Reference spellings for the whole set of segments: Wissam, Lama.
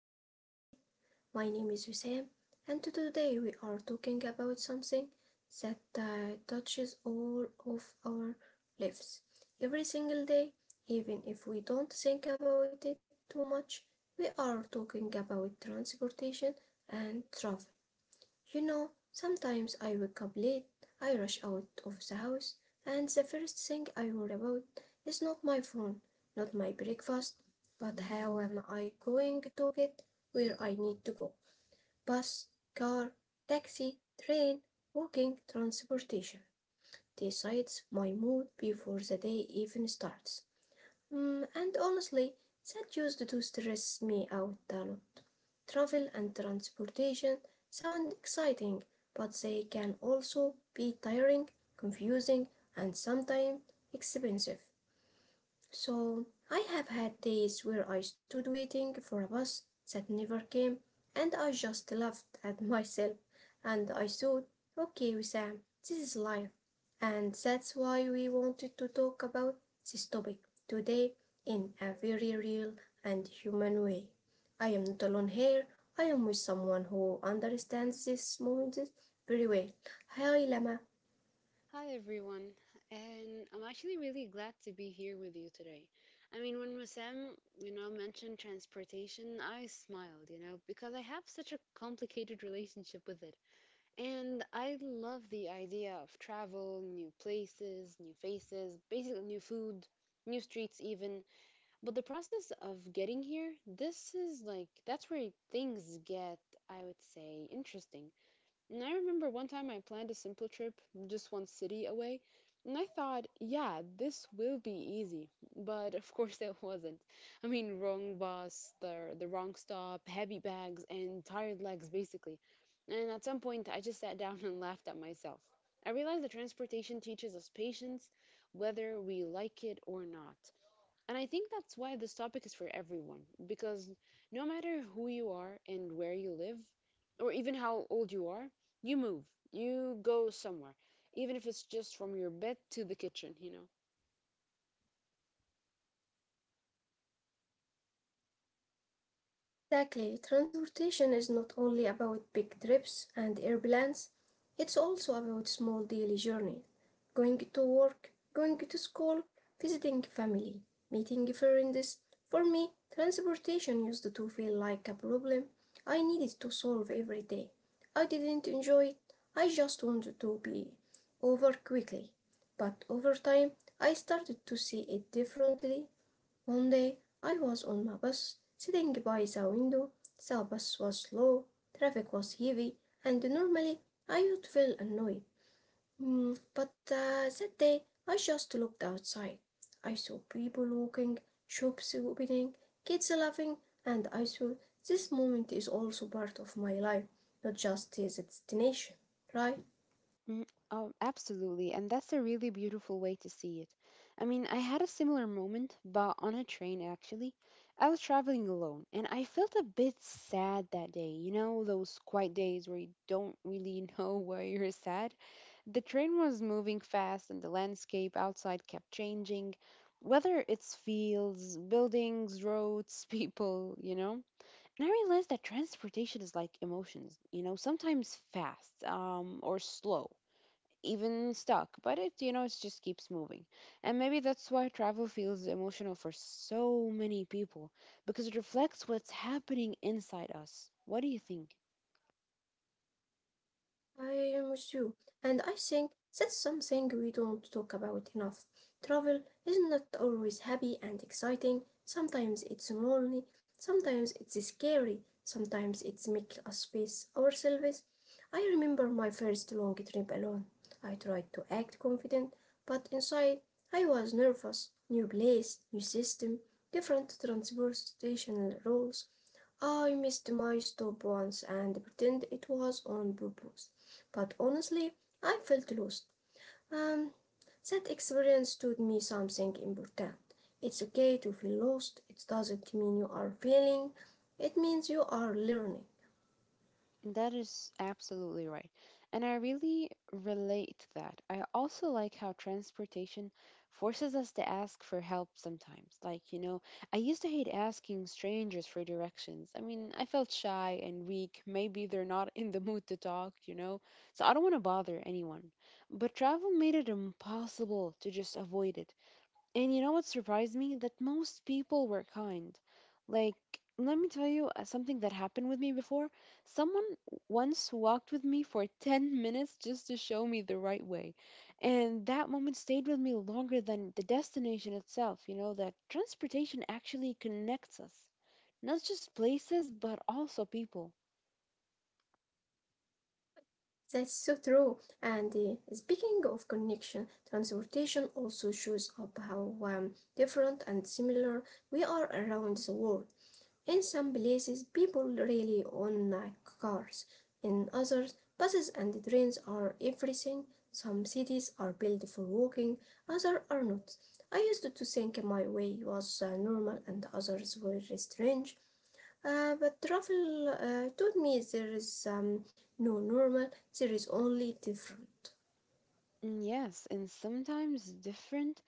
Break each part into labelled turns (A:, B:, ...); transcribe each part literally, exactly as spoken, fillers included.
A: with us today. My name is Wissam, and today we are talking about something that uh, touches all of our lives. Every single day, even if we don't think about it too much, we are talking about transportation and travel. You know, sometimes I wake up late, I rush out of the house, and the first thing I worry about is not my phone, not my breakfast, but how am I going to get where I need to go? Bus, car, taxi, train, walking, transportation decides my mood before the day even starts. Mm, and honestly, that used to stress me out, a lot. Travel and transportation sound exciting, but they can also be tiring, confusing, and sometimes expensive. So, I have had days where I stood waiting for a bus that never came, and I just laughed at myself and I thought, okay, Wissam, this is life and that's why we wanted to talk about this topic today in a very real and human way. I am not alone here, I am with someone who understands this moment very well. Hi Lama.
B: Hi everyone, and I'm actually really glad to be here with you today. I mean, when Massam, you know, mentioned transportation, I smiled, you know, because I have such a complicated relationship with it. And I love the idea of travel, new places, new faces, basically new food, new streets even. But the process of getting here, this is like that's where things get, I would say, interesting. And I remember one time I planned a simple trip, just one city away, and I thought, yeah, this will be easy. But of course it wasn't. I mean, wrong bus, the the wrong stop, heavy bags, and tired legs basically. And at some point I just sat down and laughed at myself. I realized that transportation teaches us patience, whether we like it or not. And I think that's why this topic is for everyone, because no matter who you are and where you live, or even how old you are, you move, you go somewhere, even if it's just from your bed to the kitchen, you know?
A: Exactly. Transportation is not only about big trips and airplanes, it's also about small daily journeys. Going to work, going to school, visiting family, meeting friends. For me, transportation used to feel like a problem I needed to solve every day. I didn't enjoy it, I just wanted to be over quickly. But over time, I started to see it differently. One day I was on my bus, sitting by the window. The bus was slow, traffic was heavy, and normally I would feel annoyed. Mm, But uh, that day I just looked outside. I saw people walking, shops opening, kids laughing, and I thought this moment is also part of my life, not just as a destination, right?
B: Mm, Oh, absolutely. And that's a really beautiful way to see it. I mean, I had a similar moment, but on a train actually. I was traveling alone, and I felt a bit sad that day. You know, those quiet days where you don't really know why you're sad? The train was moving fast, and the landscape outside kept changing, whether it's fields, buildings, roads, people, you know? And I realized that transportation is like emotions, you know, sometimes fast, um, or slow, even stuck, but it, you know, it just keeps moving. And maybe that's why travel feels emotional for so many people, because it reflects what's happening inside us. What do you think?
A: I am with you, and I think that's something we don't talk about enough. Travel is not always happy and exciting. Sometimes it's lonely, sometimes it's scary, sometimes it's make us face ourselves. I remember my first long trip alone. I tried to act confident, but inside I was nervous. New place, new system, different transportation rules. I missed my stop once and pretend it was on purpose, but honestly, I felt lost. Um, that experience taught me something important. It's okay to feel lost. It doesn't mean you are failing. It means you are learning.
B: That is absolutely right. And I really relate to that. I also like how transportation forces us to ask for help sometimes. Like, you know, I used to hate asking strangers for directions. I mean, I felt shy and weak. Maybe they're not in the mood to talk, you know? So I don't want to bother anyone. But travel made it impossible to just avoid it. And you know what surprised me? That most people were kind. Like, let me tell you uh, something that happened with me before. Someone once walked with me for ten minutes just to show me the right way. And that moment stayed with me longer than the destination itself. You know, that transportation actually connects us, not just places, but also people.
A: That's so true. And uh, speaking of connection, transportation also shows up how um, different and similar we are around the world. In some places, people really own uh, cars. In others, buses and trains are everything. Some cities are built for walking, others are not. I used to think my way was uh, normal and others were strange. Uh, but travel uh, taught me there is um, no normal, there is only different.
B: Mm, Yes, and sometimes different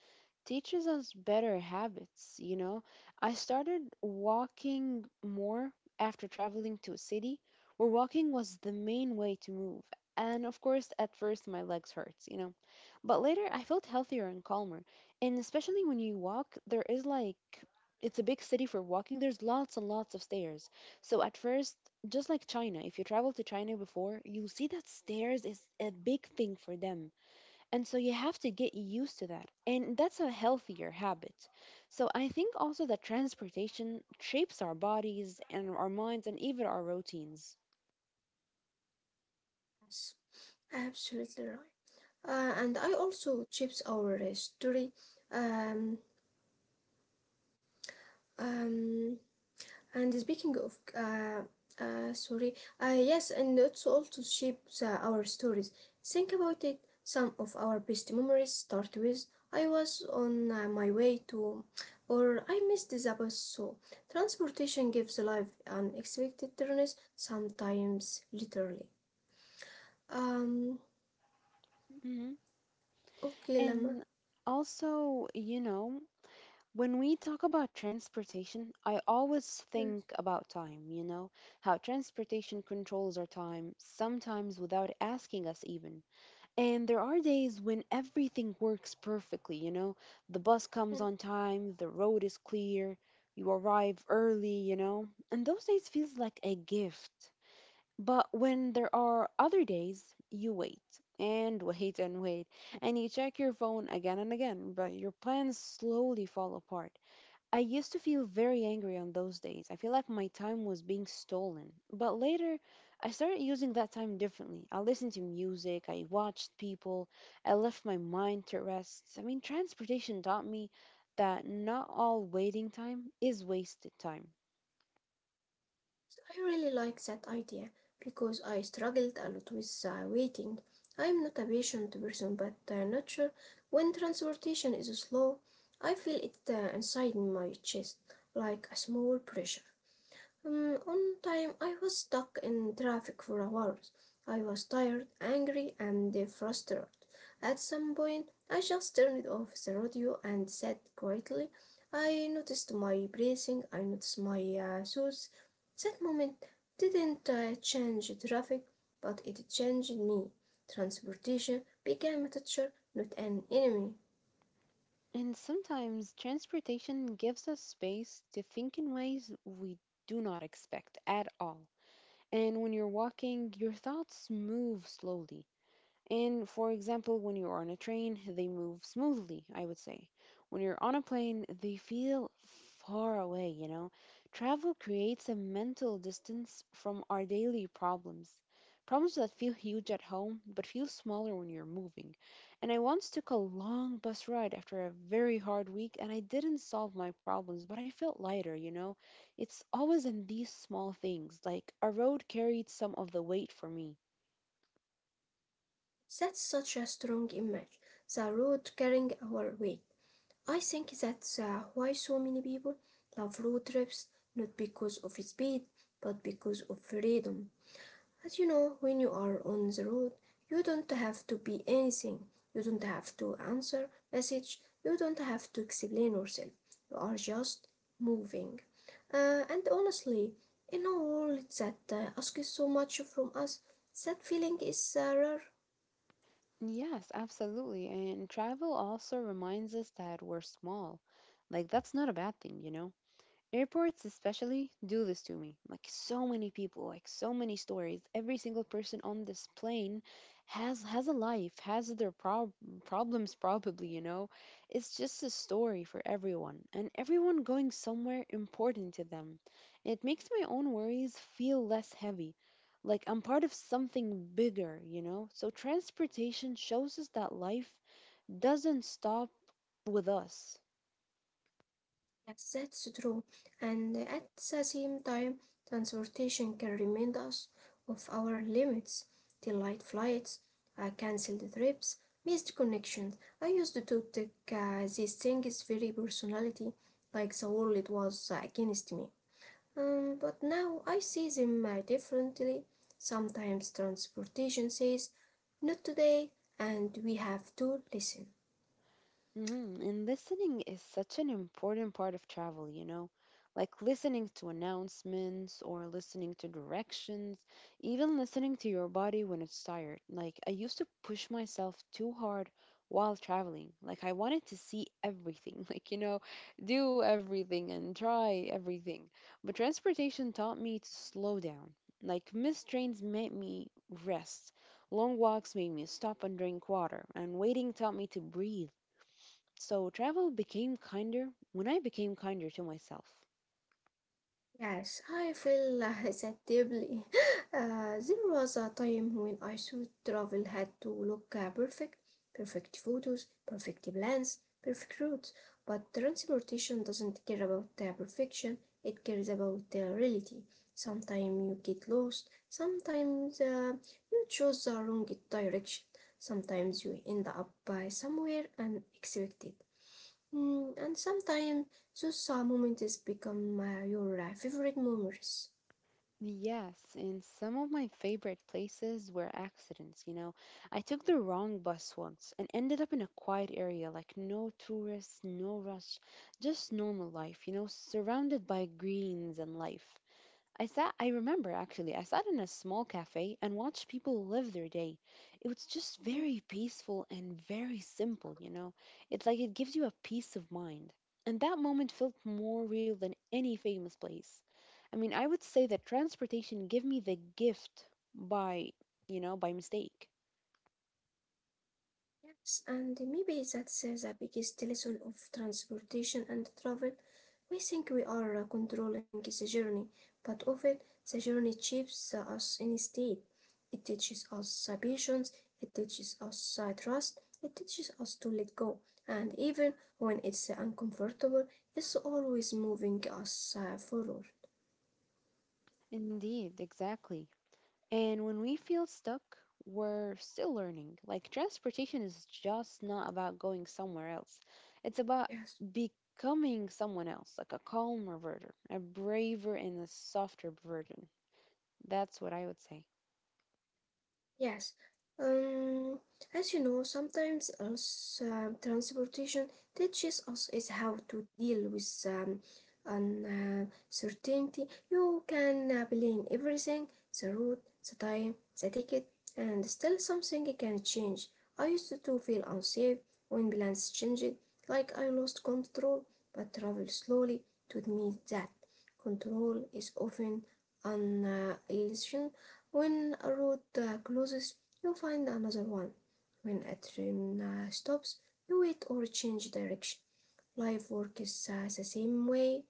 B: teaches us better habits, you know. I started walking more after traveling to a city where walking was the main way to move. And of course, at first my legs hurt, you know. But later I felt healthier and calmer. And especially when you walk, there is like it's a big city for walking. There's lots and lots of stairs. So at first, just like China, if you travel to China before, you see that stairs is a big thing for them and so you have to get used to that. And that's a healthier habit. So I think also that transportation shapes our bodies and our minds and even our routines.
A: Yes, absolutely right. Uh, and I also chips our uh, story. Um, um, And speaking of, uh, uh, sorry, uh, yes, and it's also shape the, our stories. Think about it. Some of our best memories start with I was on uh, my way to, or I missed the bus. So, transportation gives life unexpected turns, sometimes literally. Um,
B: hmm
A: okay, Lama.
B: And also, you know, when we talk about transportation, I always think
A: Yes.
B: about time, you know, how transportation controls our time, sometimes without asking us even. And there are days when everything works perfectly, you know. The bus comes
A: Hmm.
B: on time, the road is clear, you arrive early, you know. And those days feels like a gift. But when there are other days, you wait and wait and wait, and you check your phone again and again, but your plans slowly fall apart. I used to feel very angry on those days. I feel like my time was being stolen. But later, I started using that time differently. I listened to music, I watched people, I left my mind to rest. I mean, transportation taught me that not all waiting time is wasted time.
A: So I really like that idea because I struggled a lot with uh, waiting. I am not a patient person, but uh, not sure when transportation is slow. I feel it uh, inside my chest like a small pressure. Mm, one time I was stuck in traffic for hours. I was tired, angry, and uh, frustrated. At some point, I just turned off the radio and sat quietly. I noticed my breathing, I noticed my uh, thoughts. That moment didn't uh, change traffic, but it changed me. Transportation became a teacher, not an enemy.
B: And sometimes transportation gives us space to think in ways we do not expect at all. And when you're walking, your thoughts move slowly. And for example, when you're on a train, they move smoothly, I would say. When you're on a plane, they feel far away, you know? Travel creates a mental distance from our daily problems. Problems that feel huge at home, but feel smaller when you're moving. And I once took a long bus ride after a very hard week, and I didn't solve my problems, but I felt lighter, you know? It's always in these small things, like a road carried some of the weight for me.
A: That's such a strong image. The road carrying our weight. I think that's uh, why so many people love road trips, not because of speed, but because of freedom. As you know, when you are on the road, you don't have to be anything. You don't have to answer message. You don't have to explain yourself. You are just moving. Uh, and honestly, in a world that uh, asks so much from us, that feeling is uh, rare.
B: Yes, absolutely. And travel also reminds us that we're small. Like, that's not a bad thing, you know? Airports, especially, do this to me. Like, so many people, like, so many stories. Every single person on this plane has has a life, has their prob- problems, probably, you know? It's just a story for everyone, and everyone going somewhere important to them. It makes my own worries feel less heavy. Like, I'm part of something bigger, you know? So, transportation shows us that life doesn't stop with us.
A: Yes, that's true. And at the same time, transportation can remind us of our limits. Delayed flights, uh, cancelled trips, missed connections. I used to take uh, these things very personality, like the world was against me. Um, but now I see them uh, differently. Sometimes transportation says, not today, and we have to listen.
B: Mhm. And listening is such an important part of travel, you know, like listening to announcements or listening to directions, even listening to your body when it's tired. Like, I used to push myself too hard while traveling. Like, I wanted to see everything, like, you know, do everything and try everything. But transportation taught me to slow down. Like, missed trains made me rest. Long walks made me stop and drink water, and waiting taught me to breathe. So travel became kinder when I became kinder to myself.
A: Yes, I feel uh, that deeply. Uh, there was a time when I thought travel had to look uh, perfect, perfect photos, perfect plans, perfect routes. But transportation doesn't care about uh, perfection, it cares about uh, reality. Sometimes you get lost, sometimes uh, you choose the wrong direction, sometimes you end up by somewhere unexpected. Mm, and sometimes those uh, moments become uh, your uh, favorite memories.
B: Yes, and some of my favorite places were accidents, you know. I took the wrong bus once and ended up in a quiet area, like no tourists, no rush, just normal life, you know, surrounded by greens and life. I sat, I remember actually, I sat in a small cafe and watched people live their day. It was just
A: Mm,
B: very peaceful and very simple, you know. It's like it gives you a peace of mind. And that moment felt more real than any famous place. I mean, I would say that transportation gave me the gift by, you know, by mistake.
A: yes, and maybe that's uh, the biggest lesson of transportation and travel. We think we are uh, controlling the journey, but often the journey shapes uh, us instead. It teaches us uh, patience, it teaches us uh, trust, it teaches us to let go. And even when it's uh, uncomfortable, it's always moving us uh, forward.
B: Indeed, exactly. And when we feel stuck, we're still learning. Like transportation is just not about going somewhere else. It's about
A: Yes.
B: becoming someone else, like a calmer version, a braver and a softer version. That's what I would say.
A: Yes. Um, as you know, sometimes us, uh, transportation teaches us is how to deal with um, uncertainty. You can uh, plan everything, the route, the time, the ticket, and still something can change. I used to feel unsafe when plans changed, like I lost control, but travel slowly taught me that control is often an uh, illusion when a road uh, closes, you find another one. When a train uh, stops, you wait or change direction. Life works uh, the same way.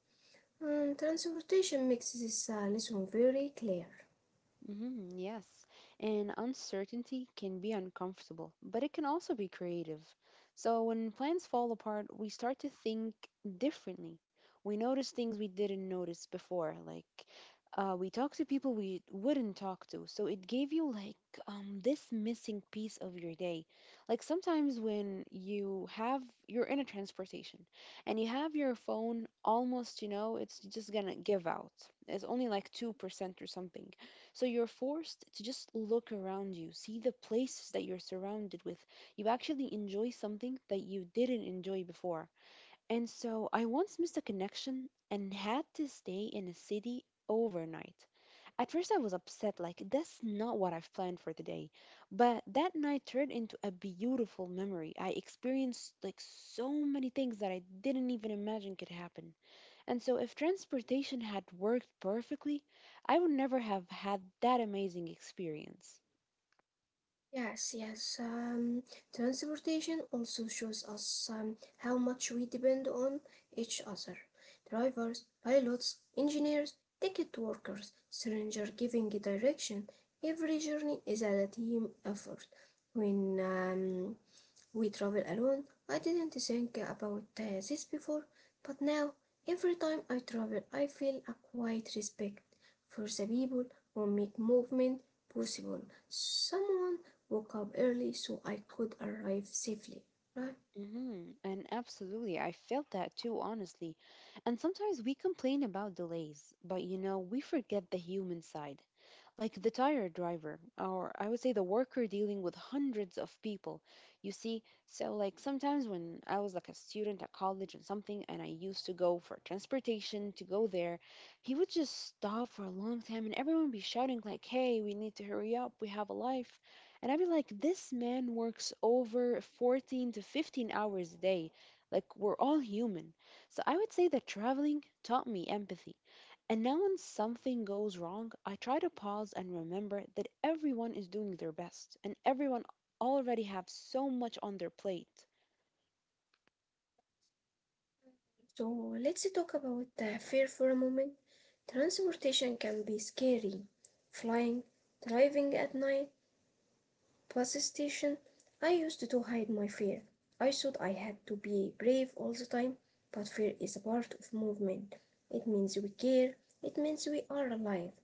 A: Mm, transportation makes this uh, lesson very clear.
B: Mhm, yes, and uncertainty can be uncomfortable, but it can also be creative. So when plans fall apart, we start to think differently. We notice things we didn't notice before, like uh, we talk to people we wouldn't talk to. So it gave you like um, this missing piece of your day. Like sometimes when you have you're in a transportation and you have your phone almost, you know, it's just gonna give out. It's only like two percent or something so you're forced to just look around you, see the places that you're surrounded with. You actually enjoy something that you didn't enjoy before. And so I once missed a connection and had to stay in a city overnight. At first, I was upset, like, that's not what I've planned for today. But that night turned into a beautiful memory. I experienced, like, so many things that I didn't even imagine could happen. And so, if transportation had worked perfectly, I would never have had that amazing experience.
A: Yes, yes. Um, transportation also shows us um, how much we depend on each other. Drivers, pilots, engineers, ticket workers, stranger giving direction. Every journey is a team effort. When um, we travel alone. I didn't think about uh, this before, but now every time I travel, I feel a quiet respect for the people who make movement possible. Someone woke up early so I could arrive safely. Right?
B: hmm And absolutely, I felt that too, honestly. And sometimes we complain about delays, but you know, we forget the human side. Like the tire driver, or I would say the worker dealing with hundreds of people. You see, so like sometimes when I was like a student at college and something, and I used to go for transportation to go there, he would just stop for a long time and everyone be shouting, like, hey, we need to hurry up, we have a life. And I'd be like, this man works over fourteen to fifteen hours a day. Like, we're all human. So I would say that traveling taught me empathy. And now, when something goes wrong, I try to pause and remember that everyone is doing their best and everyone already have so much on their plate.
A: So let's talk about uh, fear for a moment. Transportation can be scary. Flying, driving at night, bus station, I used to hide my fear. I thought I had to be brave all the time, but fear is a part of movement. It means we care, it means we are alive.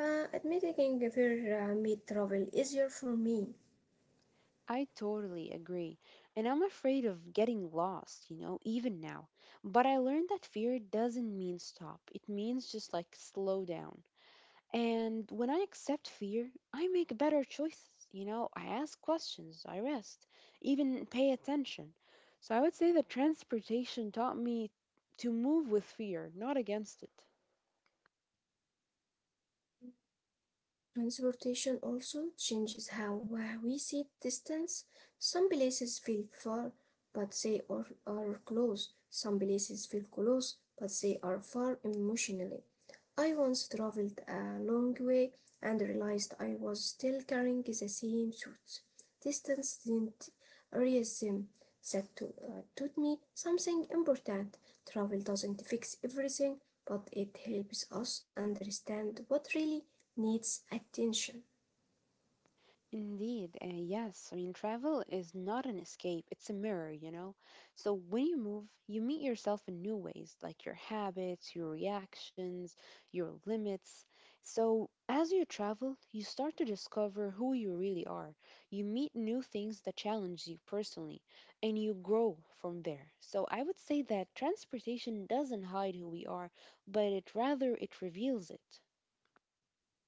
A: Uh, admitting fear uh, made travel easier for me.
B: I totally agree. And I'm afraid of getting lost, you know, even now. But I learned that fear doesn't mean stop, it means just like slow down. And when I accept fear, I make better choices. You know, I ask questions, I rest, even pay attention. So I would say that transportation taught me to move with fear, not against it.
A: Transportation also changes how uh, we see distance. Some places feel far, but they are, are close. Some places feel close, but they are far emotionally. I once traveled a long way and realized I was still carrying the same suits. Distance didn't erase them. That to- uh, taught me something important. Travel doesn't fix everything, but it helps us understand what really needs attention.
B: Indeed, uh, yes. I mean, travel is not an escape, it's a mirror, you know? So when you move, you meet yourself in new ways, like your habits, your reactions, your limits. So as you travel, you start to discover who you really are. You meet new things that challenge you personally, and you grow from there. So I would say that transportation doesn't hide who we are, but it rather it reveals it.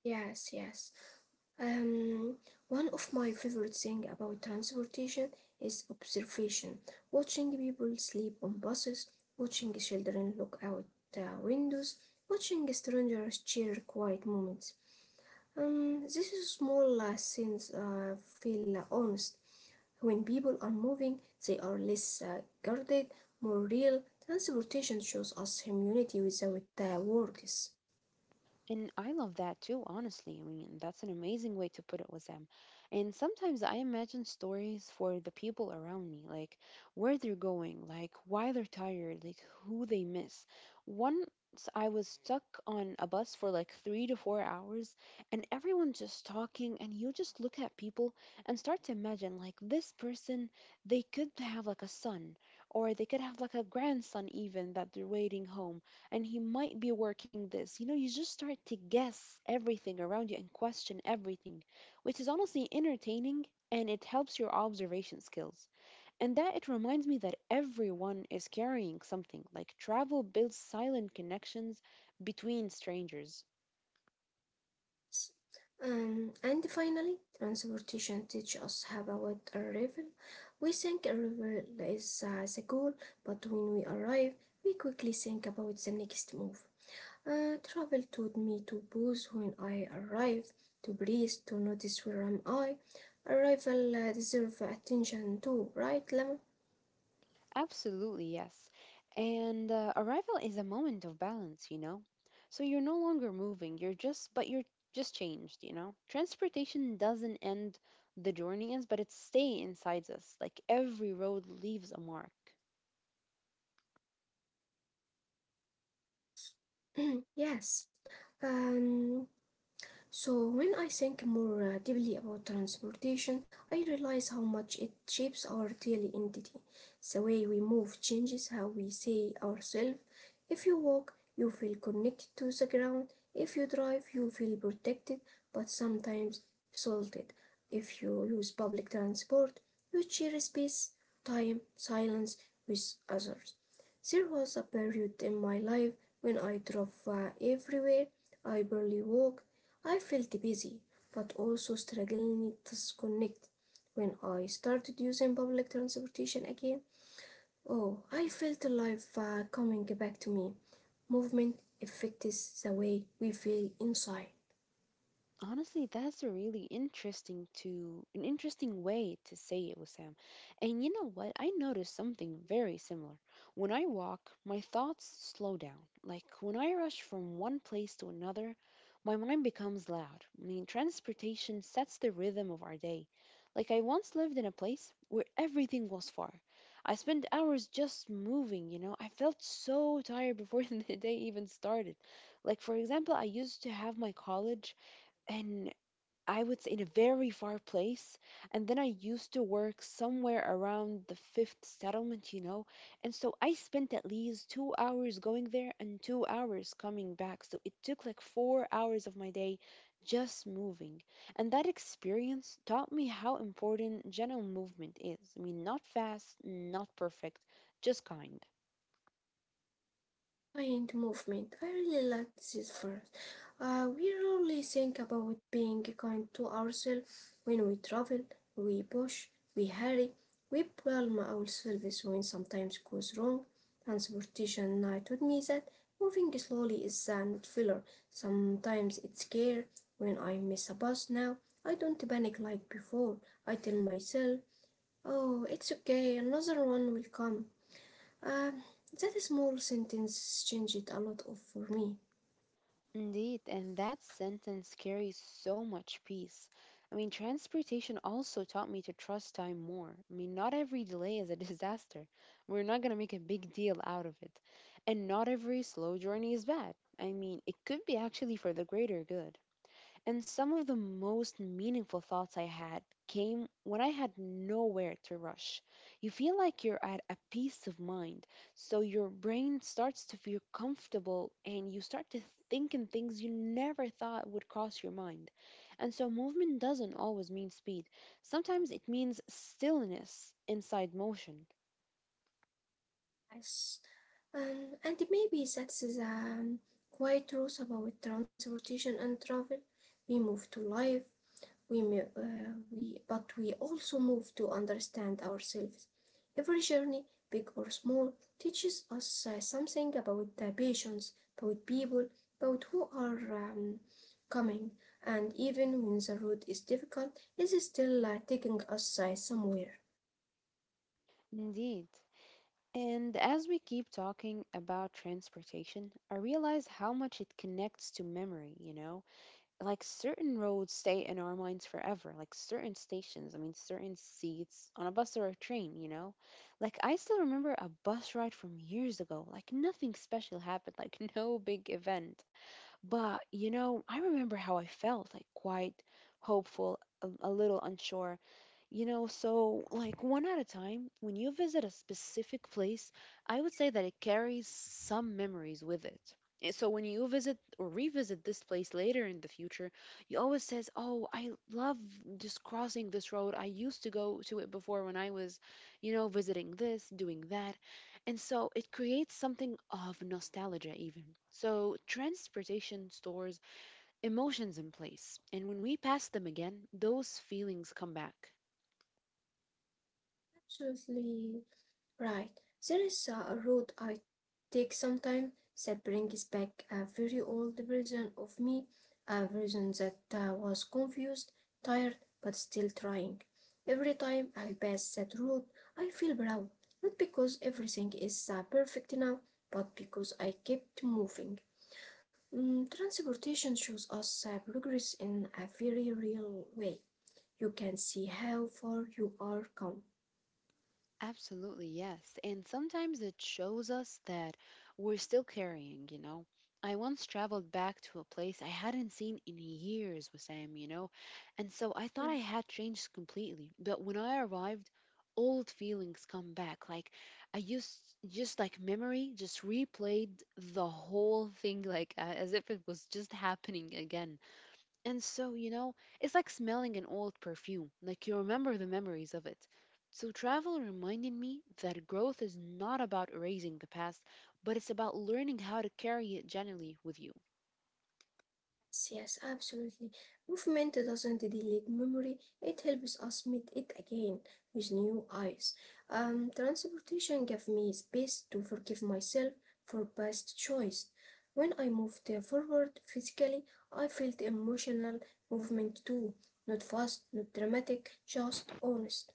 A: Yes, yes. Um, One of my favorite things about transportation is observation. Watching people sleep on buses, watching children look out uh, windows, watching strangers share quiet moments. Um, these small uh, scenes uh, feel uh, honest. When people are moving, they are less uh, guarded, more real. Transportation shows us humanity without uh, words.
B: And I love that too, honestly. I mean, that's an amazing way to put it with them. And sometimes I imagine stories for the people around me, like where they're going, like why they're tired, like who they miss. Once I was stuck on a bus for like three to four hours, and everyone just talking, and you just look at people and start to imagine, like, this person, they could have like a son, or they could have like a grandson, even that they're waiting home and he might be working this. You know, you just start to guess everything around you and question everything, which is honestly entertaining and it helps your observation skills. And that it reminds me that everyone is carrying something. Like travel builds silent connections between strangers.
A: Um, and finally, transportation teaches us about arrival. We think arrival is uh, the goal, but when we arrive, we quickly think about the next move. Uh, travel taught me to pause when I arrive, to breathe, to notice where am I. Arrival uh, deserve attention too, right, Lama?
B: Absolutely, yes. And uh, arrival is a moment of balance, you know? So you're no longer moving, you're just, but you're just changed, you know? Transportation doesn't end the journey ends, but it stays inside us. Like every road leaves a mark.
A: Yes. Um, So, when I think more uh, deeply about transportation, I realize how much it shapes our daily identity. The way we move changes how we see ourselves. If you walk, you feel connected to the ground. If you drive, you feel protected but sometimes salted. If you use public transport, you share space, time, silence with others. There was a period in my life when I drove uh, everywhere. I barely walked. I felt busy but also struggling to disconnected when I started using public transportation again. Oh, I felt life uh, coming back to me. Movement affects the way we feel inside.
B: Honestly, that's a really interesting to an interesting way to say it, Sam. And you know what? I noticed something very similar. When I walk, my thoughts slow down. Like when I rush from one place to another, my mind becomes loud. I mean, transportation sets the rhythm of our day. Like I once lived in a place where everything was far. I spent hours just moving, you know. I felt so tired before the day even started. Like for example, I used to have my college and I would say in a very far place. And then I used to work somewhere around the fifth settlement, you know. And so I spent at least two hours going there and two hours coming back. So it took like four hours of my day just moving. And that experience taught me how important general movement is. I mean, not fast, not perfect, just kind.
A: Client movement. I really like this verse. Uh, we rarely think about being kind to ourselves when we travel, we push, we hurry, we blame ourselves when sometimes goes wrong. Transportation uh, taught me that moving slowly is a not filler. Sometimes it's care. When I miss a bus now, I don't panic like before. I tell myself, oh, it's okay, another one will come. Um, that small sentence changed a lot of for me.
B: Indeed, and that sentence carries so much peace. I mean, transportation also taught me to trust time more. I mean, not every delay is a disaster. We're not going to make a big deal out of it. And not every slow journey is bad. I mean, it could be actually for the greater good. And some of the most meaningful thoughts I had came when I had nowhere to rush. You feel like you're at a peace of mind, so your brain starts to feel comfortable and you start to think in things you never thought would cross your mind. And so, movement doesn't always mean speed, sometimes it means stillness inside motion.
A: Yes. Um, and maybe that's the um, quiet truth about transportation and travel. We move to live, we, may- uh, we, but we also move to understand ourselves. Every journey, big or small, teaches us uh, something about the patients, about people, about who are um, coming. And even when the road is difficult, it's still uh, taking us uh, somewhere.
B: Indeed. And as we keep talking about transportation, I realize how much it connects to memory, you know? Like certain roads stay in our minds forever, like certain stations, I mean certain seats on a bus or a train, you know, like I still remember a bus ride from years ago, like nothing special happened, like no big event, but you know, I remember how I felt, like quite hopeful, a, a little unsure, you know, so like one at a time, when you visit a specific place, I would say that it carries some memories with it. And so when you visit or revisit this place later in the future, you always says, "Oh, I love just crossing this road. I used to go to it before when I was, you know, visiting this, doing that." And so it creates something of nostalgia even. So transportation stores emotions in place, and when we pass them again, those feelings come back.
A: Absolutely right. There is a road I take sometimes that brings back a very old version of me, a version that uh, was confused, tired, but still trying. Every time I pass that road, I feel proud, not because everything is uh, perfect now, but because I kept moving. Mm, transportation shows us uh, progress in a very real way. You can see how far you are come.
B: Absolutely, yes. And sometimes it shows us that we're still carrying, you know. I once traveled back to a place I hadn't seen in years, Sam, you know, and so I thought I had changed completely. But when I arrived, old feelings come back. Like I used, just like memory, just replayed the whole thing, like a- as if it was just happening again. And so, you know, it's like smelling an old perfume, like you remember the memories of it. So, travel reminded me that growth is not about erasing the past, but it's about learning how to carry it gently with you.
A: Yes, yes, absolutely. Movement doesn't delete memory, it helps us meet it again with new eyes. Um, transportation gave me space to forgive myself for past choice. When I moved uh, forward physically, I felt emotional movement too. Not fast, not dramatic, just honest.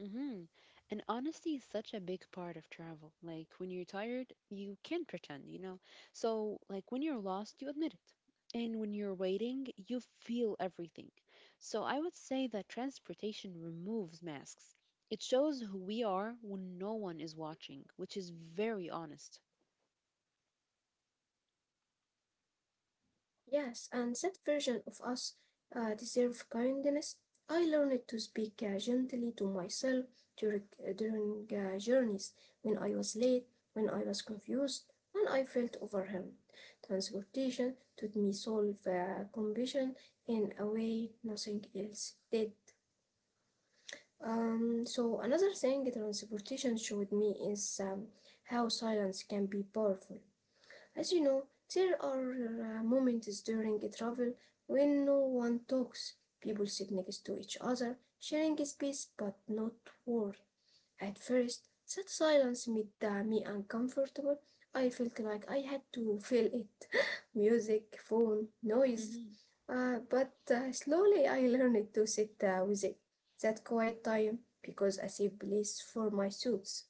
B: Hmm. And honesty is such a big part of travel. Like when you're tired, you can't pretend, you know? So, like when you're lost, you admit it. And when you're waiting, you feel everything. So, I would say that transportation removes masks. It shows who we are when no one is watching, which is very honest.
A: Yes, and that version of us uh, deserve kindness. I learned to speak uh, gently to myself during, during uh, journeys, when I was late, when I was confused, when I felt overwhelmed. Transportation taught me solve uh, compassion in a way nothing else did. Um, so another thing transportation showed me is um, how silence can be powerful. As you know, there are uh, moments during a travel when no one talks. People sit next to each other, sharing a space but not word. At first, that silence made uh, me uncomfortable. I felt like I had to fill it music, phone, noise. Uh, but uh, slowly I learned to sit uh, with it, that quiet time, because a safe place for my thoughts.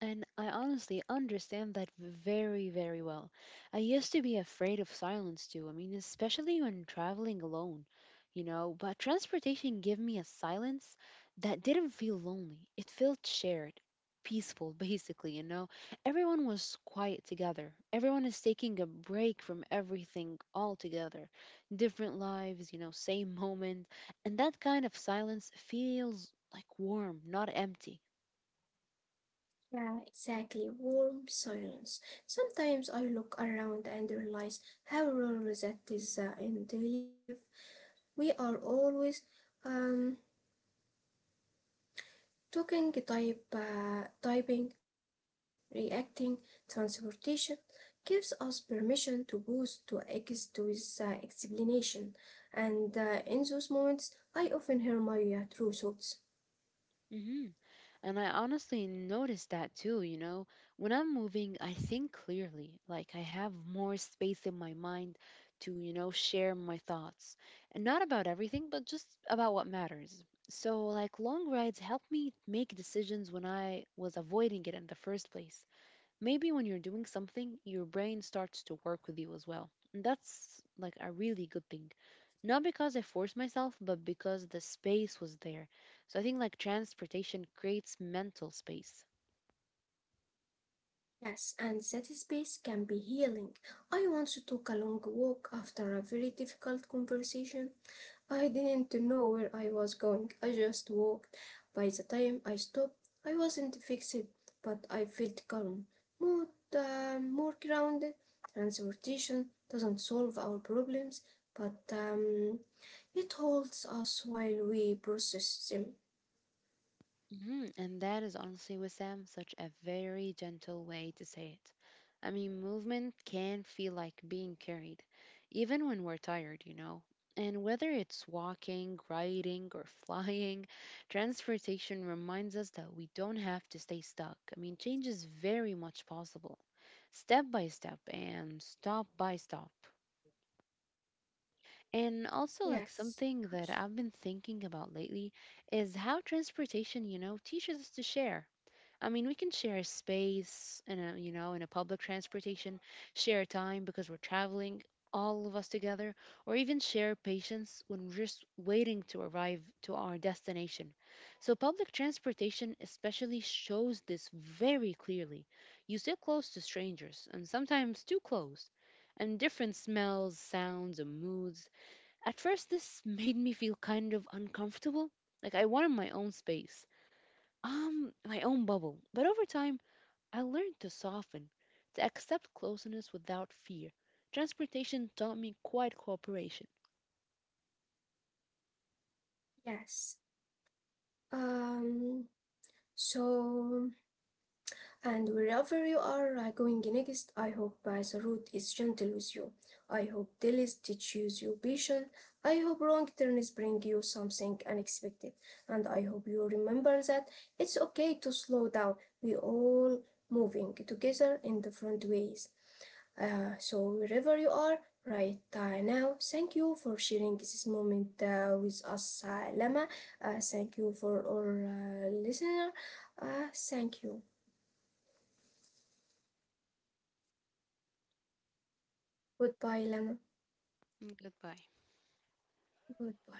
B: And I honestly understand that very, very well. I used to be afraid of silence too. I mean, especially when traveling alone, you know, but transportation gave me a silence that didn't feel lonely. It felt shared, peaceful, basically, you know. Everyone was quiet together. Everyone is taking a break from everything altogether. Different lives, you know, same moment. And that kind of silence feels like warm, not empty.
A: Yeah, exactly. Warm silence. Sometimes I look around and realize how rare that is uh, in daily life. We are always um, talking, type, uh, typing, reacting, transportation gives us permission to pause, to exist with uh, explanation. And uh, in those moments, I often hear my uh, true thoughts.
B: Mhm. And I honestly noticed that too, you know. When I'm moving, I think clearly. Like I have more space in my mind to, you know, share my thoughts. And not about everything, but just about what matters. So, like, long rides helped me make decisions when I was avoiding it in the first place. Maybe when you're doing something, your brain starts to work with you as well. And that's like a really good thing. Not because I forced myself, but because the space was there. So I think like transportation creates mental space.
A: Yes, and that space can be healing. I once took a long walk after a very difficult conversation. I didn't know where I was going, I just walked. By the time I stopped, I wasn't fixed, but I felt calm, more, uh, more grounded. Transportation doesn't solve our problems, but um, it holds us while we process them.
B: Mhm. And that is honestly, with Sam, such a very gentle way to say it. I mean, movement can feel like being carried, even when we're tired, you know. And whether it's walking, riding, or flying, transportation reminds us that we don't have to stay stuck. I mean, change is very much possible, step by step and stop by stop. And also, like
A: Yes,
B: something that I've been thinking about lately is how transportation, you know, teaches us to share. I mean, we can share a space in a, you know, in a public transportation, share time because we're traveling all of us together, or even share patience when we're just waiting to arrive to our destination. So, public transportation especially shows this very clearly. You sit close to strangers, and sometimes too close, and different smells, sounds, and moods. At first, this made me feel kind of uncomfortable. Like, I wanted my own space, um, my own bubble. But over time, I learned to soften, to accept closeness without fear. Transportation taught me quiet cooperation.
A: yes. Um, so. And wherever you are uh, going next, I hope uh, the road is gentle with you. I hope delays teaches you patience. I hope wrong turns bring you something unexpected. And I hope you remember that it's okay to slow down. We all moving together in different ways. Uh, so wherever you are right uh, now, thank you for sharing this moment uh, with us, uh, Lama. Uh, thank you for our uh, listener. Uh, thank you. Goodbye, Lama.
B: Mm. Goodbye.
A: Good boy.